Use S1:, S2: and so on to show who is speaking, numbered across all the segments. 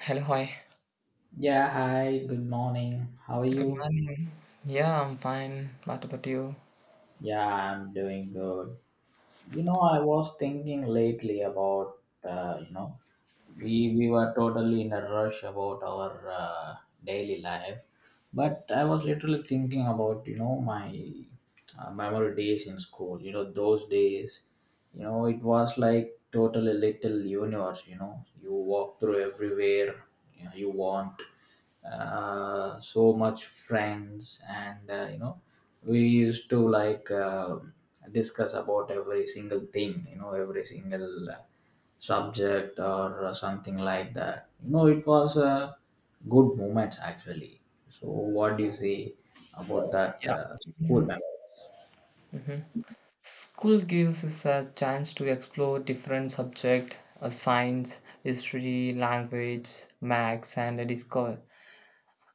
S1: Hello, hi.
S2: Yeah, hi, good morning. How are
S1: Good
S2: you?
S1: morning. Yeah, I'm fine. What about you?
S2: Yeah, I'm doing good. I was thinking lately about, uh, you know, we were totally in a rush about our daily life, but I was literally thinking about my memory days in school, those days, it was like totally little universe, you walk through everywhere, you want so much friends and we used to discuss about every single thing, every single subject or something like that. It was a good moment actually. So what do you say about that
S1: Yeah.
S2: school memories?
S1: Mm-hmm. School gives us a chance to explore different subjects, science, history, language, maths, and discover.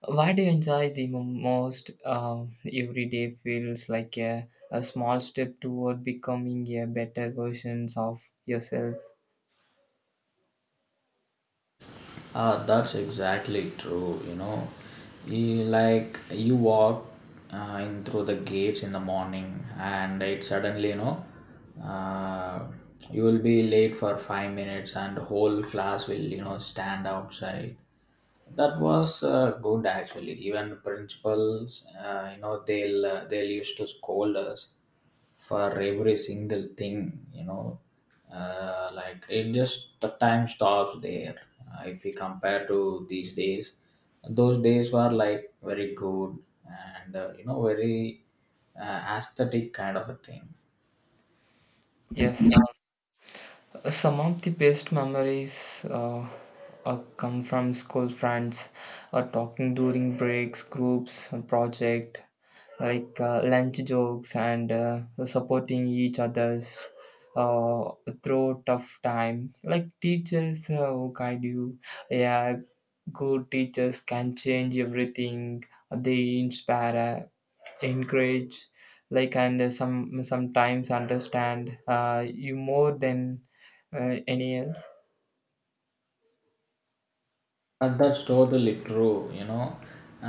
S1: Why do you enjoy the most? Every day feels like a small step toward becoming a better versions of yourself.
S2: Ah, that's exactly true. Like you walk in through the gates in the morning, and it suddenly, you know, uh, you will be late for 5 minutes, and the whole class will, you know, stand outside. That was good, actually. Even principals, you know, they'll used to scold us for every single thing, you know. Like it just the time stops there, if we compare to these days. Those days were like very good and you know very aesthetic kind of a thing.
S1: Yes. Some of the best memories come from school friends, talking during breaks, groups, project, like lunch jokes, and supporting each other's uh, through tough time. Like teachers who guide you, yeah, good teachers can change everything. They inspire, encourage, and sometimes understand you more than any else.
S2: That's totally true. You know,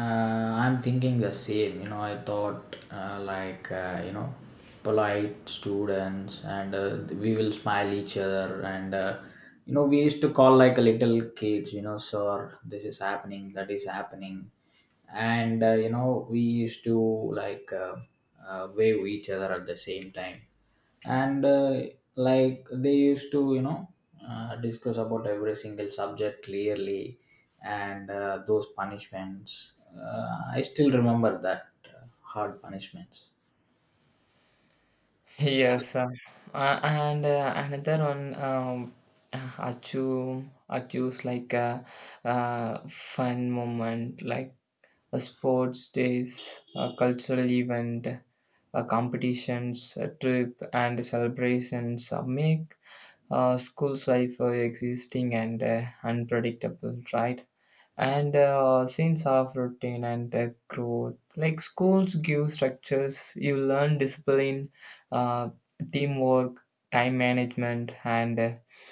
S2: I'm thinking the same. You know, I thought polite students, and we will smile each other, and you know, we used to call like a little kids. You know, sir, this is happening, that is happening, and you know, we used to like uh, wave each other at the same time, and like they used to, you know, discuss about every single subject clearly. And those punishments, I still remember that, hard punishments.
S1: yes and another one, achu, achus, like a fun moment, like a sports days, a cultural event, a competitions, a trip, and celebrations make school's life existing and unpredictable, right? And sense of routine and growth, like schools give structures. You learn discipline, uh, teamwork, time management, and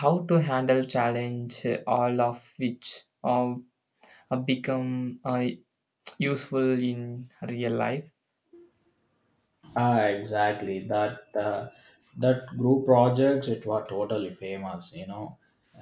S1: how to handle challenge, all of which become useful in real life.
S2: Ah, exactly. That group projects it were totally famous. You know,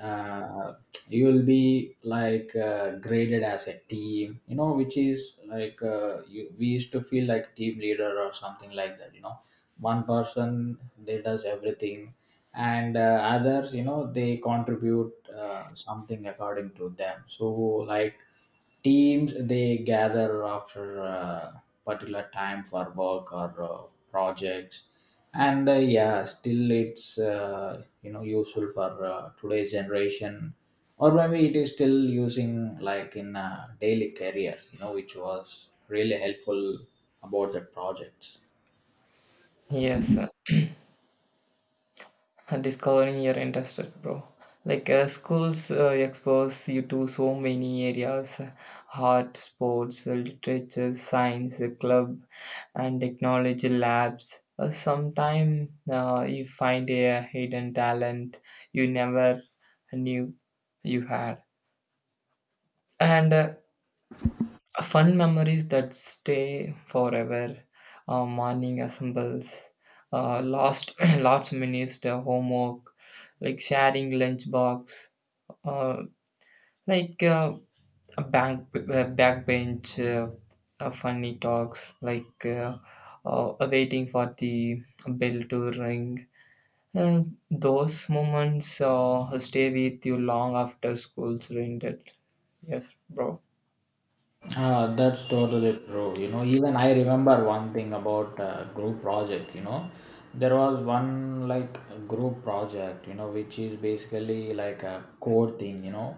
S2: uh, you will be like graded as a team. You know, which is like we used to feel like team leader or something like that. You know, one person they does everything, and others, you know, they contribute something according to them. So like teams they gather after. Particular time for work or projects. And yeah, still it's you know useful for today's generation, or maybe it is still using like in daily careers, you know, which was really helpful about the projects.
S1: Yes, and discovering your interest, bro. Like schools expose you to so many areas, art, sports, literature, science, club, and technology labs. Sometime you find a hidden talent you never knew you had. And Fun memories that stay forever. Morning assembles, last minutes homework, like sharing lunchbox, uh, like a bank backbench, funny talks, like waiting for the bell to ring. And those moments stay with you long after school's ended. Yes, bro.
S2: Ah, that's totally true. You know, even I remember one thing about group project. You know, there was one like group project. You know, which is basically like a code thing. You know,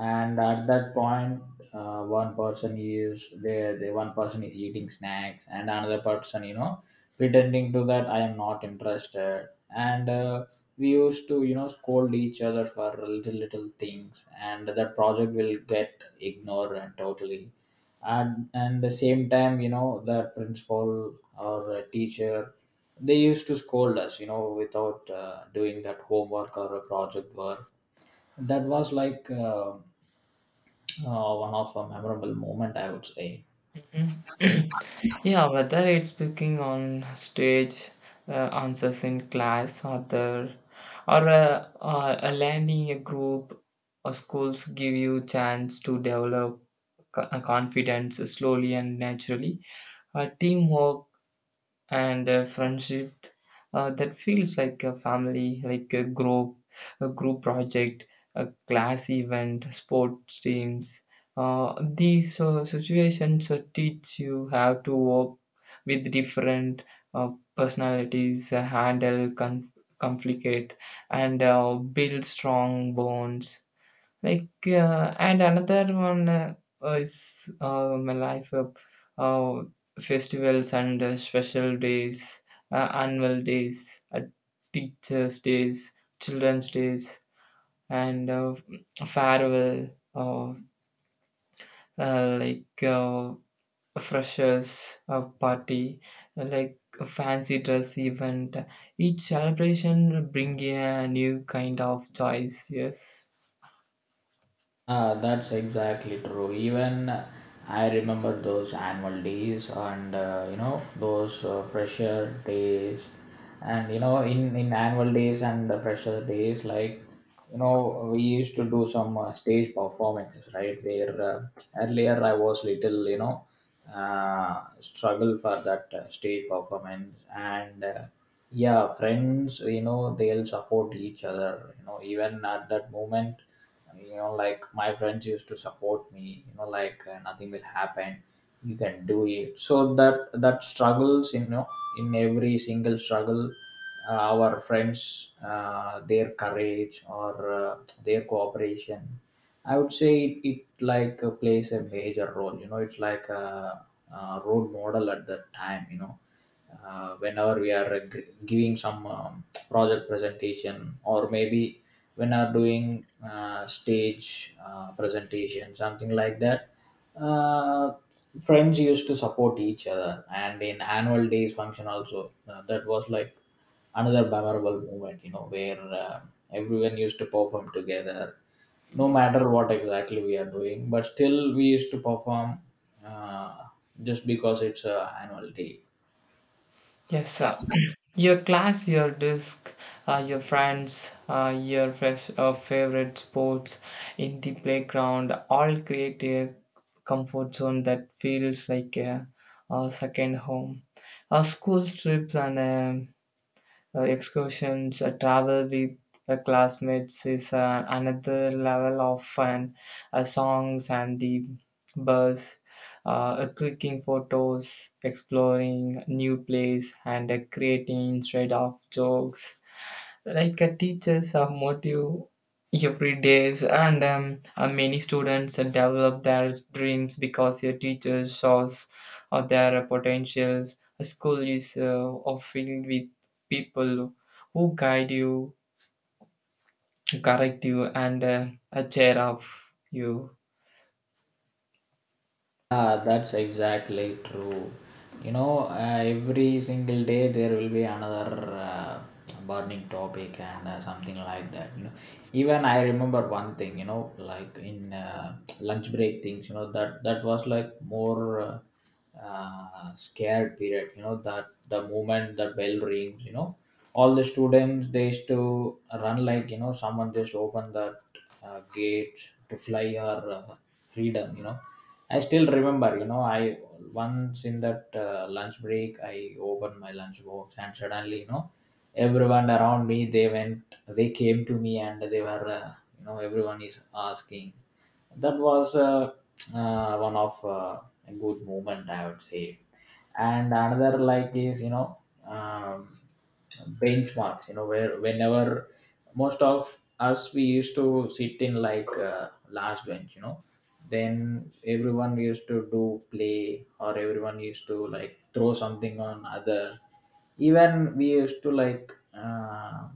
S2: and at that point, one person is there. The one person is eating snacks, and another person, you know, pretending to that I am not interested. And we used to, you know, scold each other for little little things, and that project will get ignored and totally. And the same time, you know, that principal or a teacher, they used to scold us, you know, without doing that homework or a project work. That was one of a memorable moment, I would say.
S1: Mm. Yeah, whether it's speaking on stage, answers in class, or the, or a landing a group, or schools give you chance to develop confidence slowly and naturally. Teamwork and a friendship that feels like a family, like a group project, a class event, sports teams. These situations teach you how to work with different uh, personalities, handle conflict, and build strong bonds. And another one is my life of uh, festivals and special days, annual days, teachers' days, children's days, and farewell of, like freshers party, like a fancy dress event. Each celebration bring a new kind of joys. Yes.
S2: Ah, that's exactly true. Even I remember those annual days and you know those fresher days, and you know in annual days and the fresher days, like you know we used to do some stage performances, right? Where earlier I was little, you know, struggle for that stage performance, and yeah, friends, you know, they'll support each other. You know, even at that moment. And, you know, like my friends used to support me, you know, like nothing will happen, you can do it. So that that struggles, you know, in every single struggle, our friends, their courage or uh, their cooperation, I would say it like plays a major role, you know. It's like a role model at that time, you know, whenever we are giving some project presentation, or maybe when are doing stage presentation, something like that. uh, Friends used to support each other, and in annual days function also, that was like another memorable moment, you know, where everyone used to perform together, no matter what exactly we are doing, but still we used to perform, uh, just because it's a annual day.
S1: Yes, sir. Your class, your disc, your friends, your favorite sports in the playground all create a comfort zone that feels like a second home. School trips and excursions, travel with classmates is another level of fun. Songs and the bus, uh, clicking photos, exploring new place, and creating straight off jokes. Teachers are motive every day, and many students develop their dreams because a teachers shows their potential. A school is filled with people who guide you, correct you, and cheer up you.
S2: Ah, that's exactly true. You know, every single day there will be another uh, burning topic and something like that. You know, even I remember one thing. You know, like in lunch break things. You know that that was like more scared period. You know that the moment the bell rings, you know, all the students they used to run, like you know someone just opened that gate to fly our freedom. You know I still remember, you know, I once in that lunch break, I opened my lunch box and suddenly, you know, everyone around me, they went, they came to me and they were, you know, everyone is asking. That was one of a good moment, I would say. And another like is you know um, benchmarks, you know, where whenever most of us we used to sit in like last bench, you know, then everyone used to do play, or everyone used to like throw something on other. Even we used to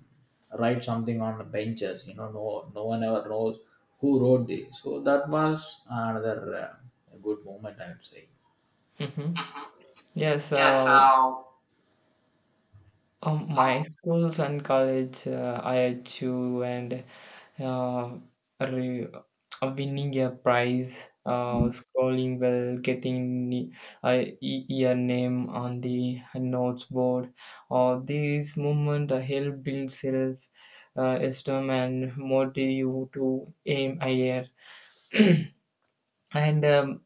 S2: write something on the benches, you know, no one ever knows who wrote this. So that was another good moment, I would say.
S1: Mhm. Yes,
S2: Yes,
S1: uh,
S2: uh,
S1: um,
S2: um,
S1: my schools and college, I chew and uh, winning a prize, scrolling well, getting your name on the notes board. All these moments help build self esteem and motivate you to aim higher. And um,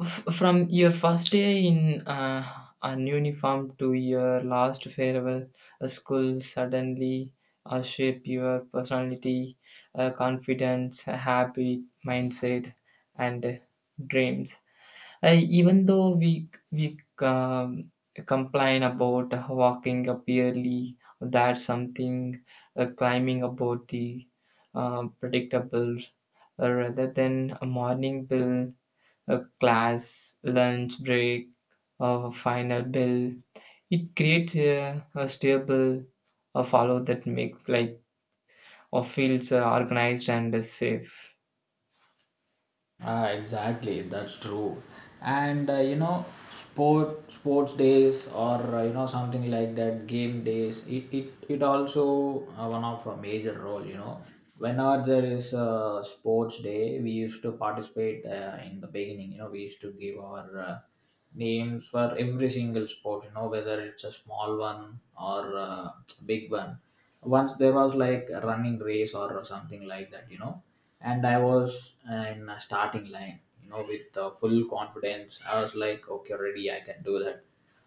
S1: From your first day in uh, an uniform to your last farewell, school suddenly shape your personality, confidence, habit, mindset, and dreams. Even though we um, complain about walking up early, that's something climbing about the predictable, rather than a morning bill, a class, lunch break, a final bell. It creates a stable a follow that make like or feels organized and safe.
S2: Ah, exactly. That's true. And you know, sports days or you know something like that, game days. It also one of a major role. You know, whenever there is a sports day, we used to participate in the beginning. You know, we used to give our names for every single sport. You know, whether it's a small one or big one. Once there was like a running race or something like that. You know, and I was in a starting line, you know, with full confidence. I was like, okay, ready, I can do that.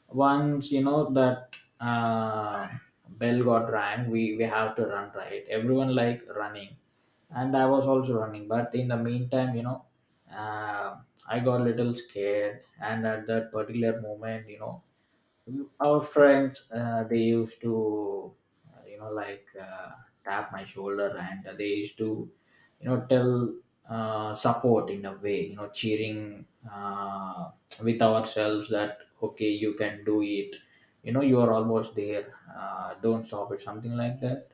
S2: Once you know that uh, bell got rang, we have to run, right? Everyone like running, and I was also running. But in the meantime, you know, uh, I got a little scared, and at that particular moment, you know, our friends, they used to, you know, tap my shoulder, and they used to, you know, tell, support in a way, you know, cheering, uh, with ourselves that okay you can do it, you know, you are almost there, don't stop it, something like that.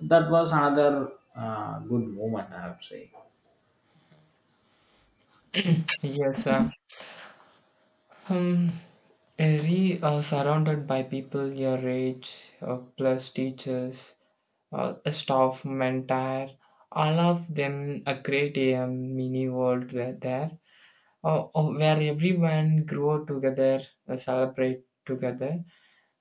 S2: That was another good moment, I would say.
S1: Yes, um, re Surrounded by people your age, plus teachers, a staff, mentor, all of them create a mini world there, where everyone grow together, celebrate together,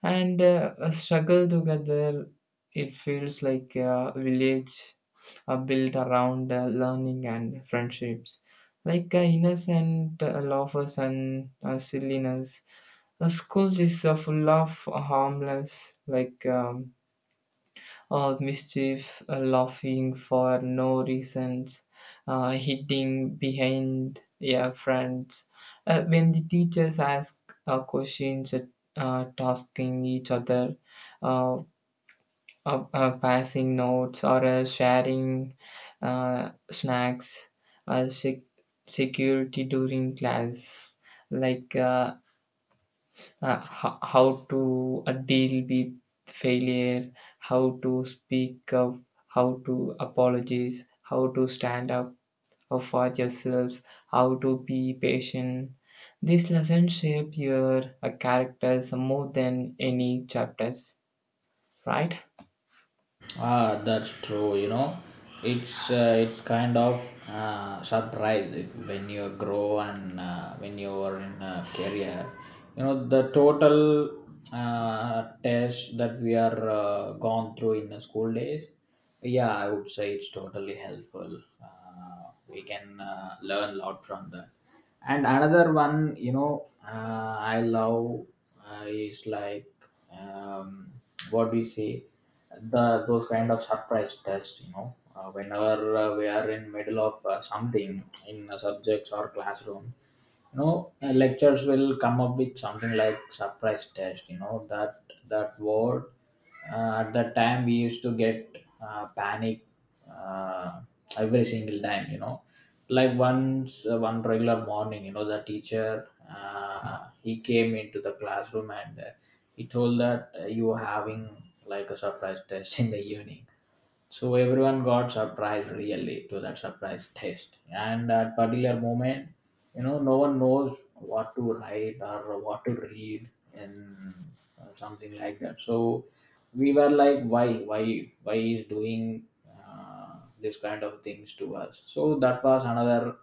S1: and a struggle together. It feels like a village are built around learning and friendships, like innocent laughs and silliness. A school is full of harmless, like mischief, laughing for no reasons, hitting behind, yeah, friends. When the teachers ask questions, tasking each other, uh, passing notes, or sharing snacks, uh, sec- security during class, like how to deal with failure, how to speak up, how to apologize, how to stand up for yourself, how to be patient. These lessons shape your characters more than any chapters, right?
S2: Ah, that's true. You know, it's kind of surprise when you grow and when you are in a career. You know, the total test that we are gone through in the school days. Yeah, I would say it's totally helpful. We can learn a lot from that. And another one, you know, I love is like um, what we say, the those kind of surprise tests, you know, whenever we are in middle of something in subjects or classroom, you know, lectures will come up with something like surprise test, you know, that that word, at that time we used to get panic uh, every single time, you know. Like once one regular morning, you know, the teacher, he came into the classroom and he told that you are having like a surprise test in the evening. So everyone got surprised really to that surprise test. And at particular moment, you know, no one knows what to write or what to read, and something like that. So we were like, why is doing uh, this kind of things to us? So that was another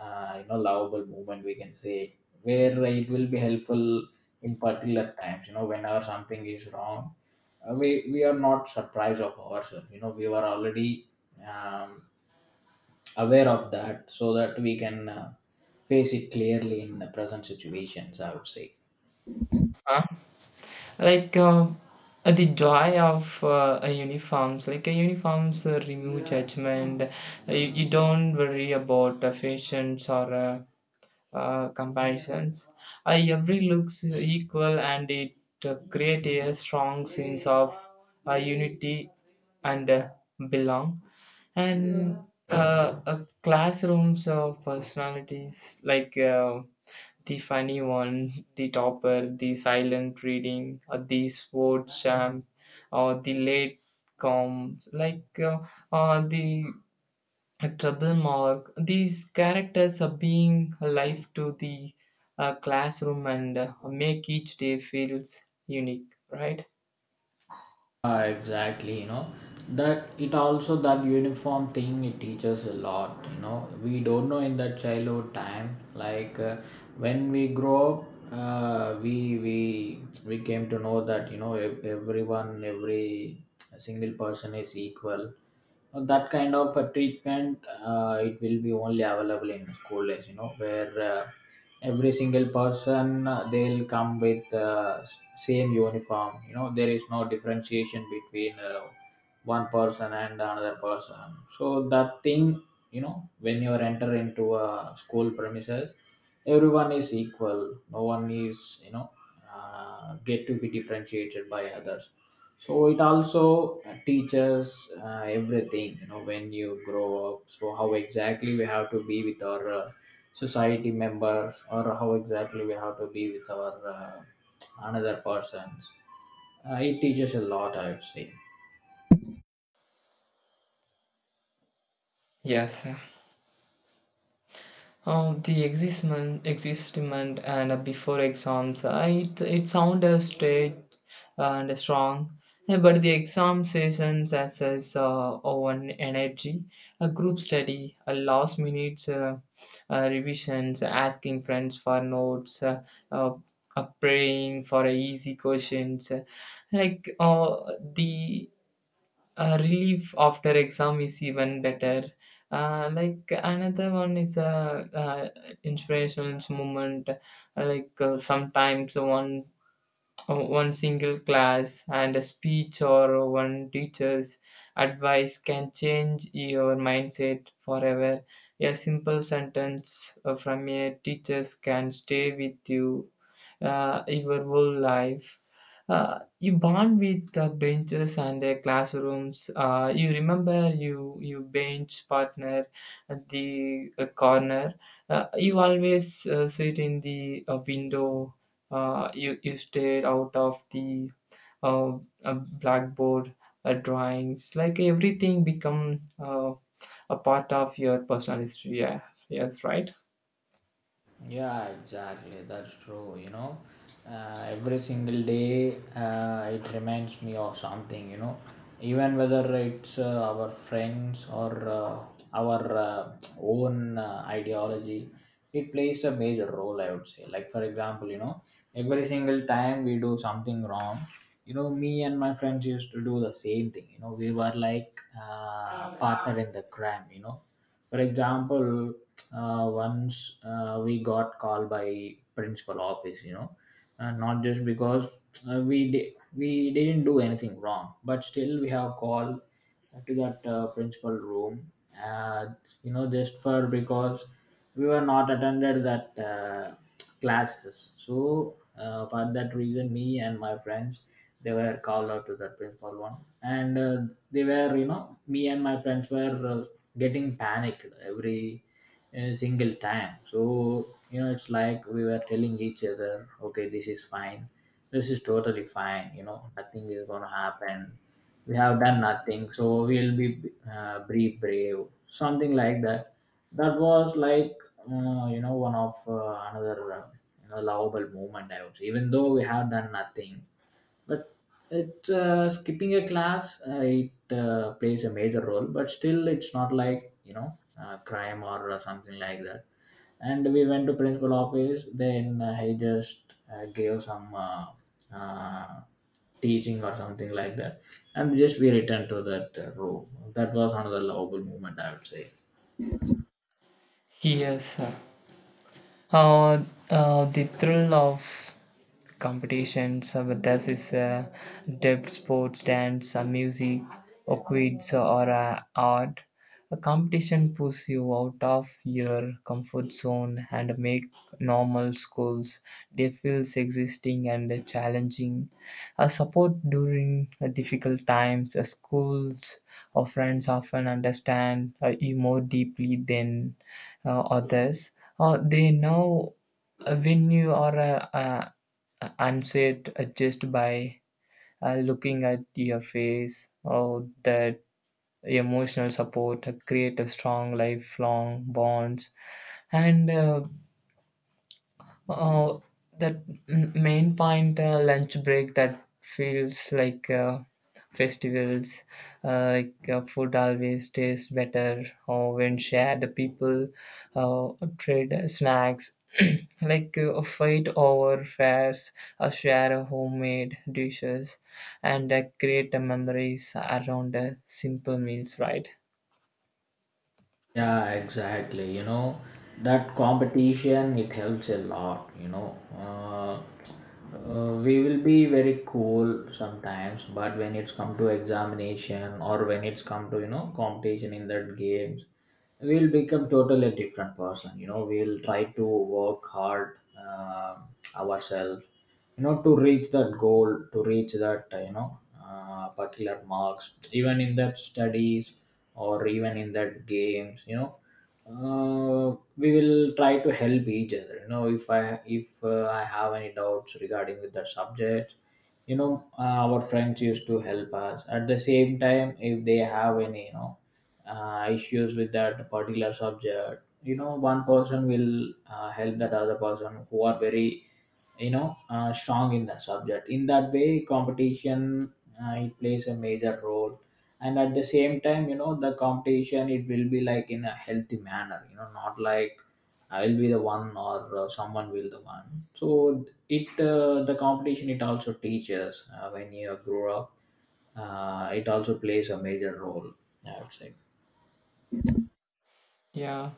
S2: you know lovable movement we can say, where it will be helpful in particular times, you know, whenever something is wrong, we are not surprised of ourselves, you know, we were already um, aware of that so that we can face it clearly in the present situations, I would say.
S1: Huh? Like the joy of a uniforms, like uniforms remove judgment. You, you don't worry about fashions or comparisons. Every looks equal and it creates a strong sense of unity and belong. And classrooms of personalities, like the funny one, the topper, the silent reading, or the sports champ, or the late comes, like the a trouble mark. These characters are being alive to the classroom and make each day feels unique, right?
S2: Yeah, exactly. You know that it also that uniform thing it teaches a lot. You know we don't know in that childhood time like uh, when we grow up, uh, we we we came to know that you know everyone every single person is equal, that kind of a treatment, it will be only available in school days you know where every single person, they'll come with same uniform. You know there is no differentiation between one person and another person, so that thing you know when you enter into a school premises everyone is equal, no one is get to be differentiated by others. So it also teaches everything you know when you grow up, so how exactly we have to be with our society members or how exactly we have to be with our another persons. It teaches a lot, I would say.
S1: Yes. The existment, existment and before exams, it sounded straight and strong. Yeah. But the exam sessions as is one energy, a group study, a last minute revisions, asking friends for notes, uh, praying for easy questions. Like uh, the relief after exam is even better. Like another one is a inspirational moment. Like sometimes one single class and a speech or one teacher's advice can change your mindset forever. A simple sentence from a teacher can stay with you your whole life. You bond with the benches and the classrooms. You remember you bench partner at the corner. You always sit in the window. You stare out of the uh, uh, blackboard drawings. Like everything become a part of your personal history. Yeah, yes, right.
S2: Yeah, exactly. That's true. You know, every single day it reminds me of something, you know, even whether it's our friends or our own ideology, it plays a major role, I would say. Like, for example, you know, every single time we do something wrong, you know, me and my friends used to do the same thing. You know, we were like partner in the crime, you know. For example, once we got called by principal office, you know, and not just because we didn't do anything wrong, but still we have called to that principal room, uh, you know, just for because we were not attended that classes. So for that reason me and my friends, they were called out to that principal one, and they were, you know, me and my friends were getting panicked every a single time. So you know it's like we were telling each other okay this is fine, this is totally fine, you know nothing is going to happen, we have done nothing so we'll be brave, something like that. That was like, you know, one of, another you know, lovable moment, I would say. Even though we have done nothing, but it skipping a class, it plays a major role, but still it's not like you know crime or, something like that. And we went to principal office, then he just gave some uh, teaching or something like that, and just we returned to that room. That was another lovable moment, I would say.
S1: Yes. Uh, the thrill of competitions, whether this is depth sports, dance, music, or quiz, or art. A competition pushes you out of your comfort zone and make normal schools they feels existing and challenging. A support during difficult times, schools or friends often understand you more deeply than others. They know when you are upset just by looking at your face, or that emotional support create a strong lifelong bonds. And Oh, that main point, lunch break that feels like festivals, like food always tastes better, or when shared, the people uh, trade snacks, like a fight over fares, or share a homemade dishes, and create memories around simple meals, right?
S2: Yeah, exactly, you know, that competition it helps a lot, you know. uh, we will be very cool sometimes, but when it's come to examination or when it's come to you know competition in that games, we'll become totally different person. You know we'll try to work hard ourselves, you know, to reach that goal, to reach that you know particular marks, even in that studies or even in that games. You know we will try to help each other, you know, if I if I have any doubts regarding with that subject, you know our friends used to help us. At the same time, if they have any, you know, issues with that particular subject, you know, one person will help that other person who are very, you know, strong in that subject. In that way competition, it plays a major role. And at the same time, you know, the competition it will be like in a healthy manner, you know, not like I'll be the one or someone will the one. So it the competition it also teaches when you grow up, it also plays a major role, I would say.
S1: Yeah.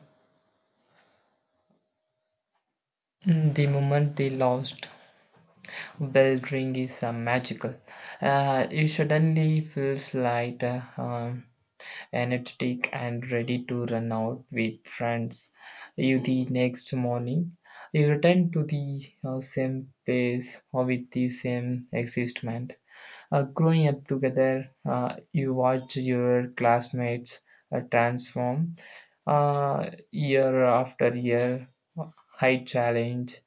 S1: Mm, the moment they lost Bell ring is magical. You suddenly feels light, energetic, and ready to run out with friends. You the next morning, you return to the same place or with the same excitement. Growing up together, you watch your classmates transform year after year. High challenge,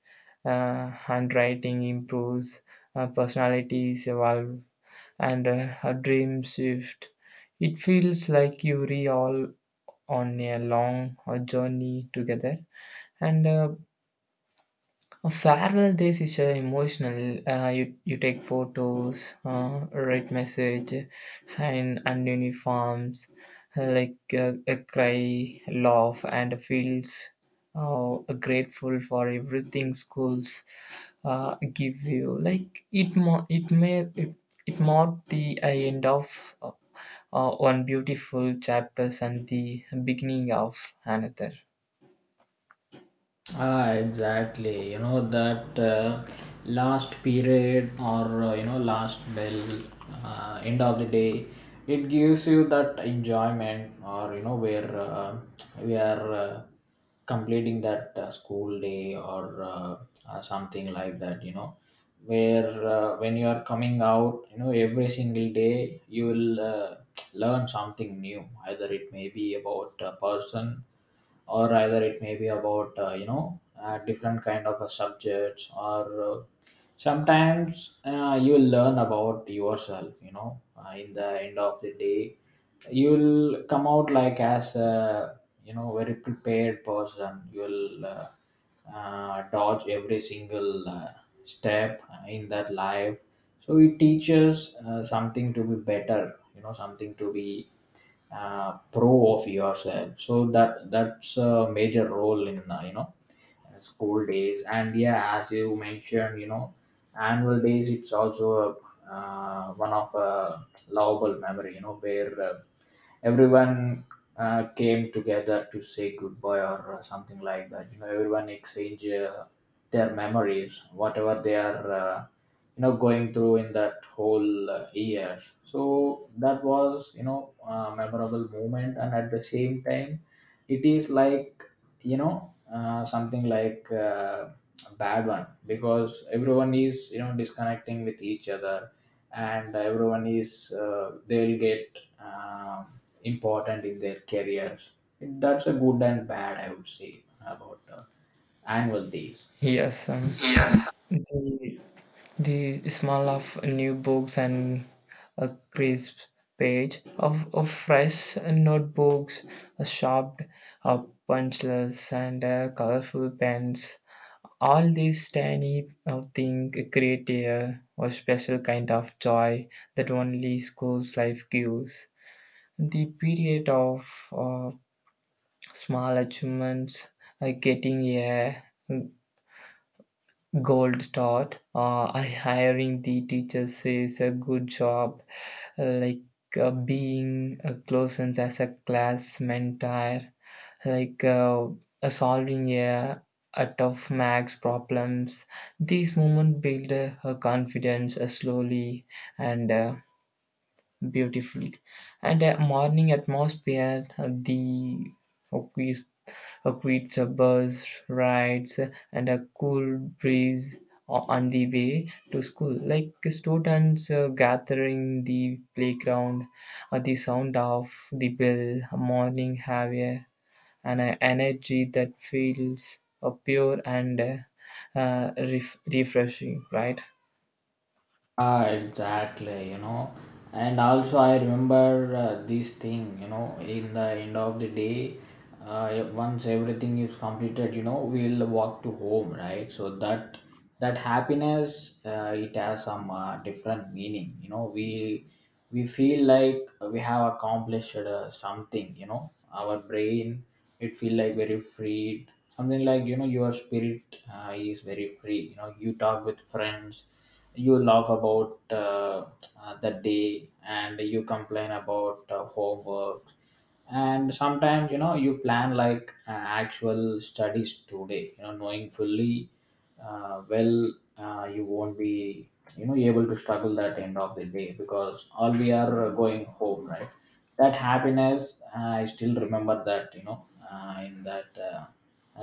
S1: handwriting improves, personalities evolve, and a dream shift. It feels like you re all on a long journey together, and a Farewell days is emotional. You take photos, write message, sign and uniforms, like a cry, laugh, and feels grateful for everything schools give you. Like it, mo- it may it, it marked the end of one beautiful chapters and the beginning of another.
S2: Ah, exactly. You know that last period or you know last bell, end of the day, it gives you that enjoyment or you know where we are completing that school day or something like that. You know where when you are coming out, you know every single day you will learn something new. Either it may be about a person or either it may be about you know different kind of subjects, or sometimes you will learn about yourself. You know in the end of the day you will come out like as a, you know, very prepared person. You will dodge every single step in that life. So it teaches something to be better, you know, something to be pro of yourself. So that, that's a major role in you know school days. And yeah, as you mentioned you know, annual days, it's also a, one of a lovable memory, you know where everyone came together to say goodbye or something like that. You know everyone exchange their memories, whatever they are you know going through in that whole year. So that was, you know, a memorable moment. And at the same time, it is like, you know, something like, a bad one, because everyone is, you know, disconnecting with each other, and everyone is they will get um, important in their careers. That's a good and bad, I would say, about annual days.
S1: Yes,
S2: Yes.
S1: the the smell of new books and a crisp page of fresh notebooks, a sharp punchless and colorful pens. All these tiny things create a special kind of joy that only school's life gives. The period of small achievements, getting a Gold start. I hiring the teacher says a good job, like being a close and as a class mentor, like solving a tough max problems. These moments build her confidence slowly and beautifully. And a morning atmosphere, the quiz, a quiz bus rides, and a cool breeze on the way to school. Like students gathering the playground, the sound of the bell, morning have an energy that feels pure and refreshing, right?
S2: Ah, exactly, you know. And also, I remember this thing, you know, in the end of the day, once everything is completed, you know, we'll walk to home, right? So that, that happiness, it has some different meaning, you know. We feel like we have accomplished something, you know. Our brain, it feel like very freed. Something like, you know, your spirit is very free. You know, you talk with friends, you laugh about the day, and you complain about homework. And sometimes you know you plan like actual studies today, you know, knowing fully well, you won't be, you know, able to struggle that end of the day, because all we are going home, right? That happiness I still remember that, you know, in that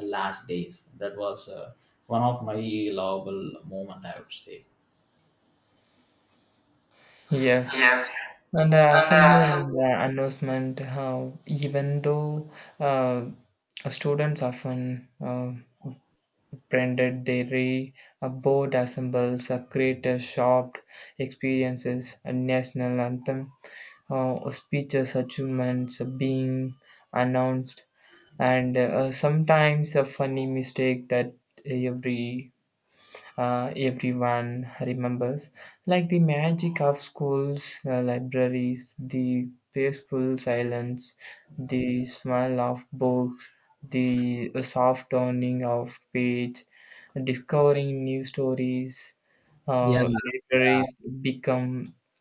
S2: last days. That was one of my lovable moment, I would say.
S1: Yes.
S2: Yes.
S1: And the
S2: And
S1: assembly and
S2: something.
S1: the announcement, even though uh, students often branded they re a board assembles, a creator shop experiences, a national anthem, speeches, achievements being announced, and sometimes a funny mistake that every everyone remembers, like the magic of schools, libraries, the peaceful silence, the smell of books, the soft turning of page, discovering new stories.
S2: Yeah, yeah,
S1: Libraries become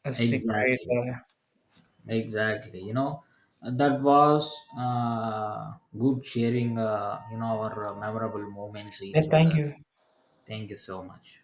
S1: a secret.
S2: exactly, exactly. You know, that was good sharing. You know, our memorable moments
S1: Yeah,
S2: each
S1: thank
S2: other.
S1: you.
S2: Thank you so much.